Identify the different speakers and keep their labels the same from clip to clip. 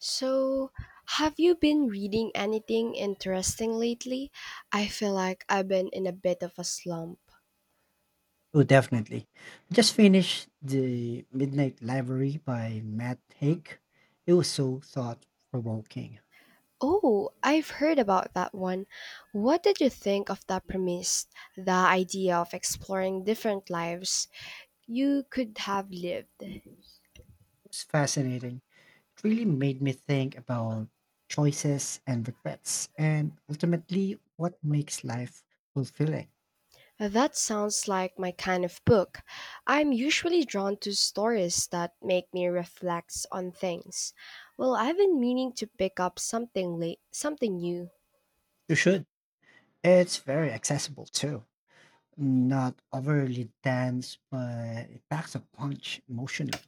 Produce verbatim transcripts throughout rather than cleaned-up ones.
Speaker 1: So, have you been reading anything interesting lately? I feel like I've been in a bit of a slump.
Speaker 2: Oh, definitely. I just finished The Midnight Library by Matt Haig. It was so thought provoking. It
Speaker 1: Oh, I've heard about that one. What did you think of that premise? The idea of exploring different lives you could have lived.
Speaker 2: was fascinating. It really made me think about choices and regrets and ultimately what makes life fulfilling.
Speaker 1: That sounds like my kind of book. I'm usually drawn to stories that make me reflect on things. Well, I've been meaning to pick up something late, something new.
Speaker 2: You should. It's very accessible too. Not overly dense, but it packs a punch emotionally.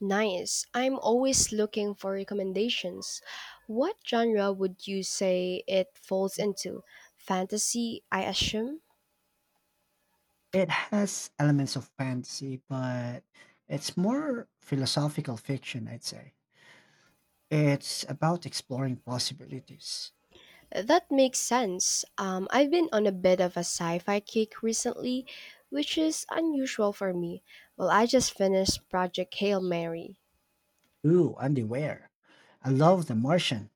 Speaker 1: Nice. I'm always looking for recommendations. What genre would you say it falls into? Fantasy, I assume?
Speaker 2: It has elements of fantasy, but it's more philosophical fiction, I'd say. It's about exploring possibilities.
Speaker 1: That makes sense. Um, I've been on a bit of a sci fi kick recently, which is unusual for me. Well, I just finished Project Hail Mary.
Speaker 2: Ooh, and the where. I love The Martian.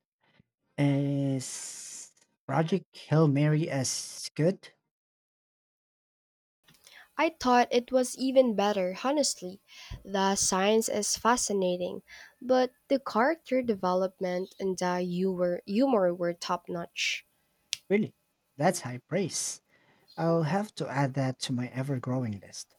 Speaker 2: Is Project Hail Mary as good?
Speaker 1: I thought it was even better, honestly. The science is fascinating, but the character development and the humor, humor were top notch.
Speaker 2: Really? That's high praise. I'll have to add that to my ever growing list.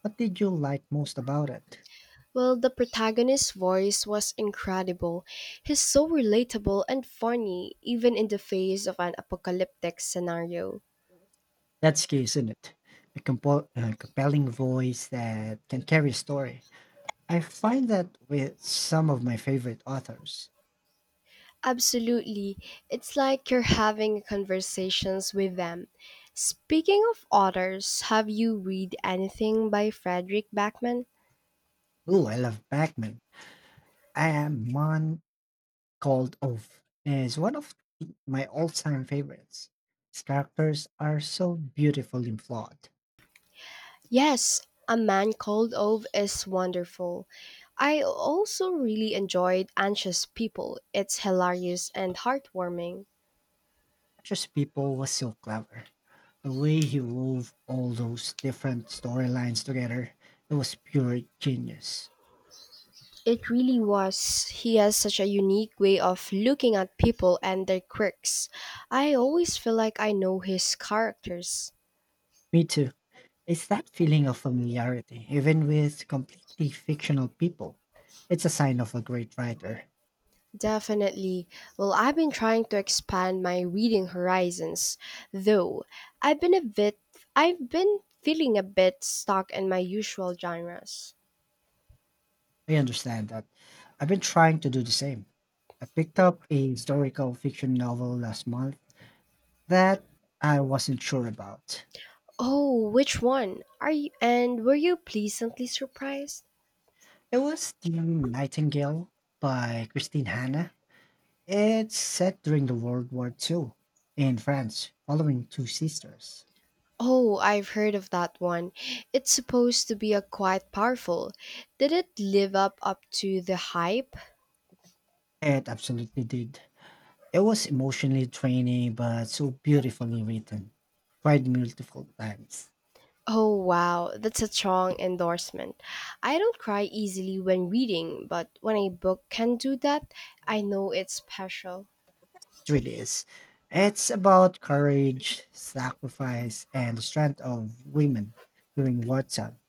Speaker 2: What did you like most about it?
Speaker 1: Well, the protagonist's voice was incredible. He's so relatable and funny, even in the face of an apocalyptic scenario.
Speaker 2: That's key, isn't it? A, compo- a compelling voice that can carry a story. I find that with some of my favorite authors.
Speaker 1: Absolutely. It's like you're having conversations with them. Speaking of authors, have you read anything by Frederick Backman?
Speaker 2: Ooh, I love Backman. I am one called Oaf is one of the- my all-time favorites. Its characters are so beautifully flawed.
Speaker 1: Yes, A Man Called Ove is wonderful. I also really enjoyed Anxious People. It's hilarious and heartwarming.
Speaker 2: Just people was so clever. The way he wove all those different storylines together, it was pure genius.
Speaker 1: It really was. He has such a unique way of looking at people and their quirks. I always feel like I know his characters.
Speaker 2: Me too. It's that feeling of familiarity, even with completely fictional people. It's a sign of a great writer.
Speaker 1: Definitely. Well, I've been trying to expand my reading horizons, though. I've been a bit I've been feeling a bit stuck in my usual genres.
Speaker 2: I understand that. I've been trying to do the same. I picked up a historical fiction novel last month that I wasn't sure about.
Speaker 1: Oh, which one? Are you and were you pleasantly surprised?
Speaker 2: It was The Nightingale by Christine Hanna. It's set during the World War two in France, following two sisters.
Speaker 1: Oh, I've heard of that one. It's supposed to be a quite powerful. Did it live up up to the hype?
Speaker 2: It absolutely did. It was emotionally draining, but so beautifully written. Cried multiple times.
Speaker 1: Oh wow, that's a strong endorsement. I don't cry easily when reading, but when a book can do that, I know it's special.
Speaker 2: It really is. It's about courage, sacrifice, and the strength of women during wartime.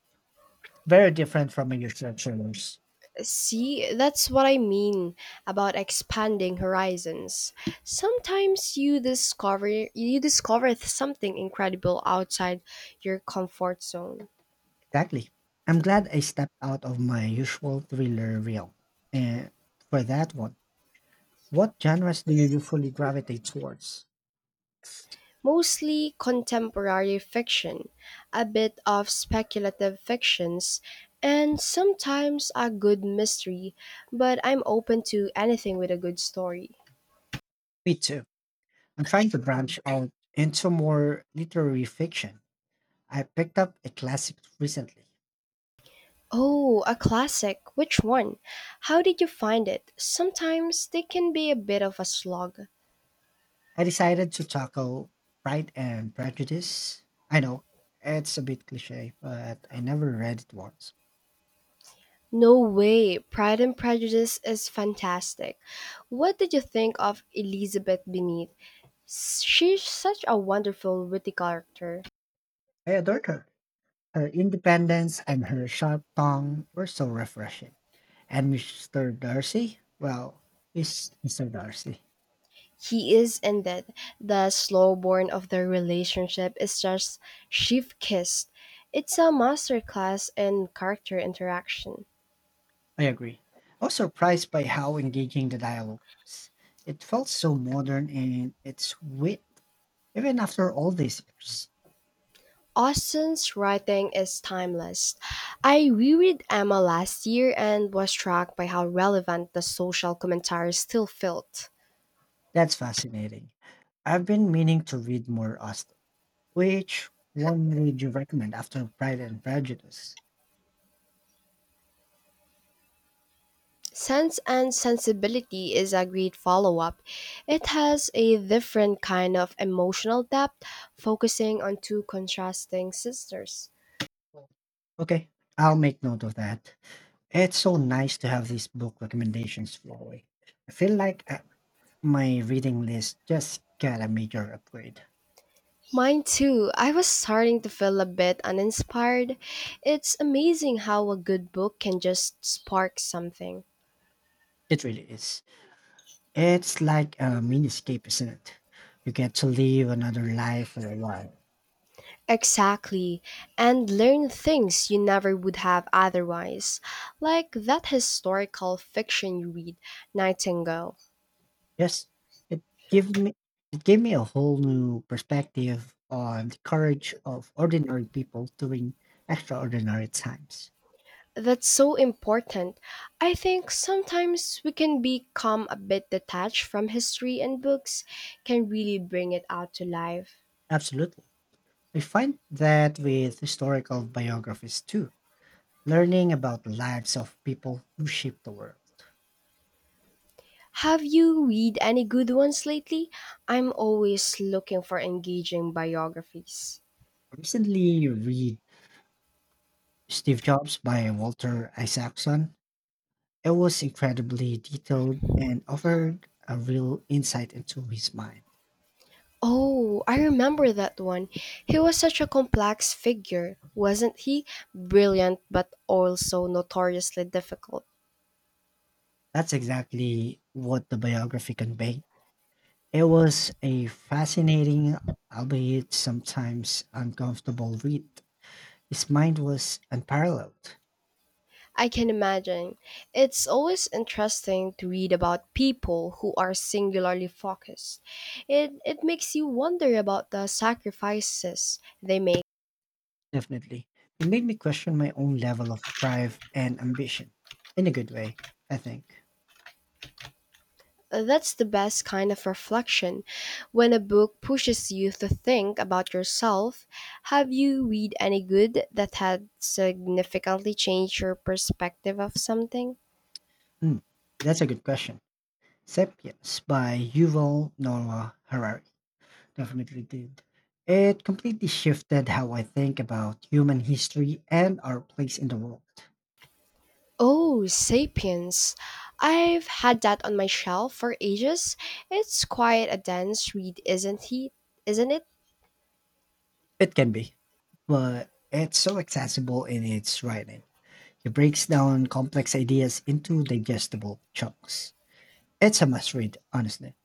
Speaker 2: Very different from your usual thrillers.
Speaker 1: See, that's what I mean about expanding horizons. Sometimes you discover you discover something incredible outside your comfort zone.
Speaker 2: Exactly. I'm glad I stepped out of my usual thriller reel. And for that one, what genres do you usually gravitate towards?
Speaker 1: Mostly contemporary fiction, a bit of speculative fictions, and sometimes a good mystery, but I'm open to anything with a good story.
Speaker 2: Me too. I'm trying to branch out into more literary fiction. I picked up a classic recently.
Speaker 1: Oh, a classic. Which one? How did you find it? Sometimes they can be a bit of a slog.
Speaker 2: I decided to tackle Pride and Prejudice. I know it's a bit cliche, but I never read it once.
Speaker 1: No way. Pride and Prejudice is fantastic. What did you think of Elizabeth Bennet? She's such a wonderful witty character.
Speaker 2: I adored her. Her independence and her sharp tongue were so refreshing. And mister Darcy? Well, he's mister Darcy.
Speaker 1: He is indeed. The slow burn of their relationship is just chef kissed. It's a masterclass in character interaction.
Speaker 2: I agree. I was surprised by how engaging the dialogue was. It felt so modern in its wit, even after all these years.
Speaker 1: Austen's writing is timeless. I reread Emma last year and was struck by how relevant the social commentary still felt.
Speaker 2: That's fascinating. I've been meaning to read more Austen. Which one would you recommend after Pride and Prejudice?
Speaker 1: Sense and Sensibility is a great follow up. It has a different kind of emotional depth, focusing on two contrasting sisters.
Speaker 2: Okay, I'll make note of that. It's so nice to have these book recommendations flowing. I feel like I My reading list just got a major upgrade.
Speaker 1: Mine too. I was starting to feel a bit uninspired. It's amazing how a good book can just spark something.
Speaker 2: It really is. It's like a mini escape, isn't it? You get to live another life for a while.
Speaker 1: Exactly, and learn things you never would have otherwise, like that historical fiction you read, Nightingale.
Speaker 2: Yes, it gave me it gave me a whole new perspective on the courage of ordinary people during extraordinary times.
Speaker 1: That's so important. I think sometimes we can become a bit detached from history, and books can really bring it out to life.
Speaker 2: Absolutely. I find that with historical biographies too, learning about the lives of people who shaped the world.
Speaker 1: Have you read any good ones lately? I'm always looking for engaging biographies.
Speaker 2: I recently read Steve Jobs by Walter Isaacson. It was incredibly detailed and offered a real insight into his mind.
Speaker 1: Oh, I remember that one. He was such a complex figure, wasn't he? Brilliant, but also notoriously difficult.
Speaker 2: That's exactly what the biography conveyed. It was a fascinating, albeit sometimes uncomfortable read. His mind was unparalleled,
Speaker 1: I can imagine. It's always interesting to read about people who are singularly focused. It, it makes you wonder about the sacrifices they made.
Speaker 2: definitely. It made me question my own level of drive and ambition in a good way, I think.
Speaker 1: Uh, That's the best kind of reflection. When a book pushes you to think about yourself, have you read any good that had significantly changed your perspective of something?
Speaker 2: Hmm, that's a good question. Sapiens by Yuval Noah Harari. Definitely did. It completely shifted how I think about human history and our place in the world.
Speaker 1: Oh, Sapiens. I've had that on my shelf for ages. It's quite a dense read, isn't he? Isn't it?
Speaker 2: It can be, but it's so accessible in its writing. It breaks down complex ideas into digestible chunks. It's a must read, honestly.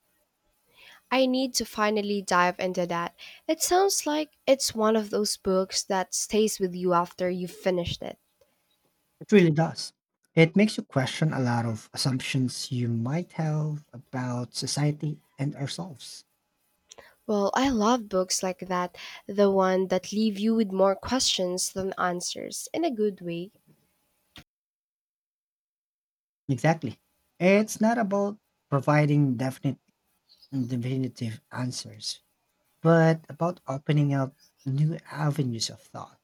Speaker 1: I need to finally dive into that. It sounds like it's one of those books that stays with you after you've finished it.
Speaker 2: It really does. It makes you question a lot of assumptions you might have about society and ourselves.
Speaker 1: Well, I love books like that, the one that leave you with more questions than answers in a good way.
Speaker 2: Exactly. It's not about providing definite and definitive answers, but about opening up new avenues of thought.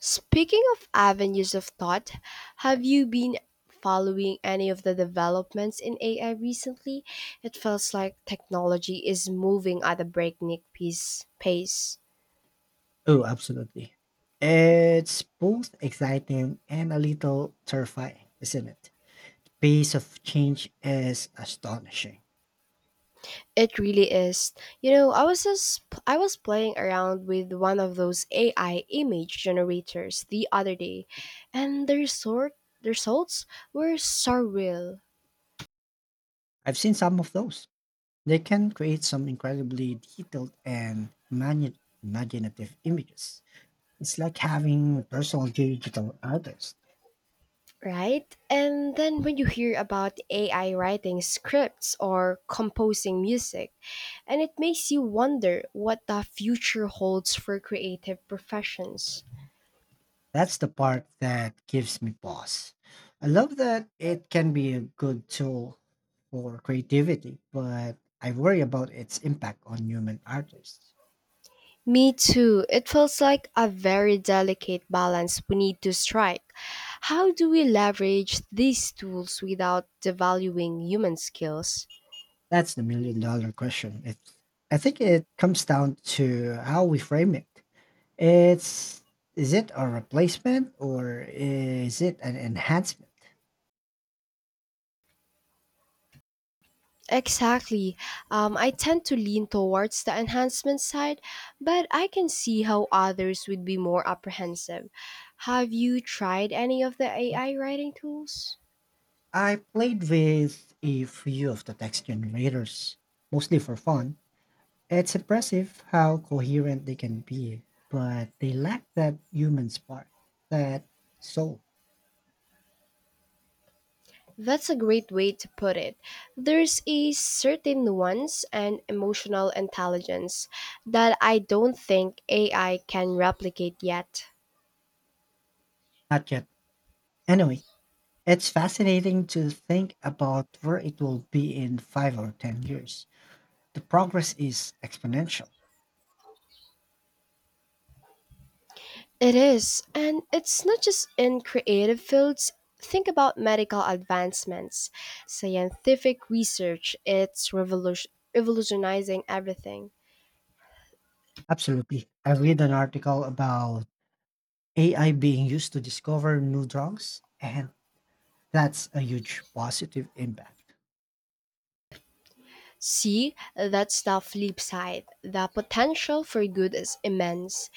Speaker 1: Speaking of avenues of thought, have you been following any of the developments in A I recently? It feels like technology is moving at a breakneck piece, pace.
Speaker 2: Oh, absolutely. It's both exciting and a little terrifying, isn't it? Pace of change is astonishing.
Speaker 1: It really is. You know, I was just I was playing around with one of those A I image generators the other day, and the resort the results were surreal,
Speaker 2: I've seen some of those. They can create some incredibly detailed and mani- imaginative images. It's like having a personal digital artist.
Speaker 1: right? And then when you hear about A I writing scripts or composing music, and it makes you wonder what the future holds for creative professions.
Speaker 2: That's the part that gives me pause. I love that it can be a good tool for creativity, but I worry about its impact on human artists.
Speaker 1: Me too. It feels like a very delicate balance we need to strike. How do we leverage these tools without devaluing human skills?
Speaker 2: That's the million dollar question. It, I think it comes down to how we frame it. It's Is it a replacement or is it an enhancement?
Speaker 1: Exactly. Um, I tend to lean towards the enhancement side, but I can see how others would be more apprehensive. Have you tried any of the A I writing tools?
Speaker 2: I played with a few of the text generators, mostly for fun. It's impressive how coherent they can be, but they lack that human spark, that soul.
Speaker 1: That's a great way to put it. There's a certain nuance and emotional intelligence that I don't think A I can replicate yet.
Speaker 2: Not yet. Anyway, it's fascinating to think about where it will be in five or ten years. The progress is exponential.
Speaker 1: It is, and it's not just in creative fields. Think about medical advancements, scientific research, it's revolution- revolutionizing everything.
Speaker 2: Absolutely. I read an article about A I being used to discover new drugs, and that's a huge positive impact.
Speaker 1: See, that's the flip side. The potential for good is immense.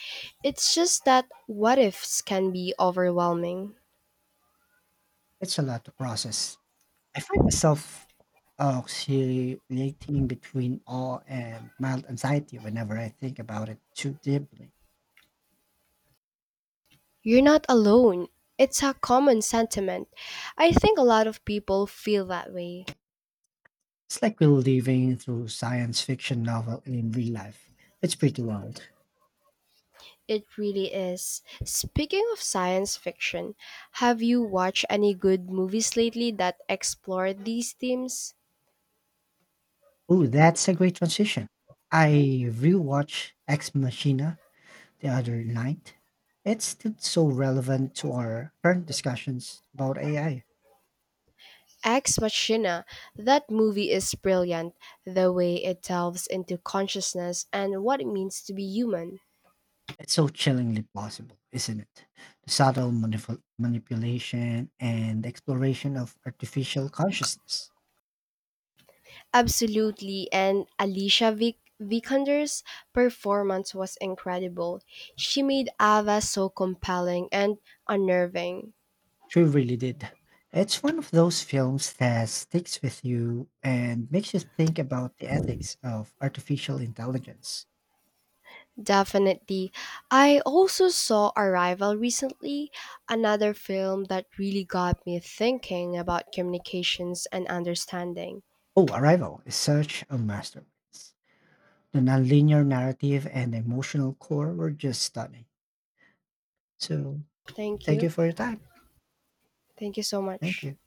Speaker 1: It's just that what ifs can be overwhelming.
Speaker 2: It's a lot to process. I find myself oh, oscillating between awe and mild anxiety whenever I think about it too deeply.
Speaker 1: You're not alone. It's a common sentiment. I think a lot of people feel that way.
Speaker 2: It's like we're living through science fiction novel in real life. It's pretty wild.
Speaker 1: It really is. Speaking of science fiction, have you watched any good movies lately that explore these themes?
Speaker 2: Oh, that's a great transition. I rewatched Ex Machina the other night. It's still so relevant to our current discussions about A I.
Speaker 1: Ex Machina, that movie is brilliant, the way it delves into consciousness and what it means to be human.
Speaker 2: It's so chillingly plausible, isn't it? The subtle manipul- manipulation and exploration of artificial consciousness.
Speaker 1: Absolutely, and Alicia Vik- Vikander's performance was incredible. She made Ava so compelling and unnerving.
Speaker 2: She really did. It's one of those films that sticks with you and makes you think about the ethics of artificial intelligence.
Speaker 1: Definitely. I also saw Arrival recently, another film that really got me thinking about communications and understanding.
Speaker 2: Oh, Arrival is such a masterpiece. The nonlinear narrative and emotional core were just stunning. So,
Speaker 1: Thank
Speaker 2: thank
Speaker 1: you.
Speaker 2: you for your time.
Speaker 1: Thank you so
Speaker 2: Thank
Speaker 1: much.
Speaker 2: you.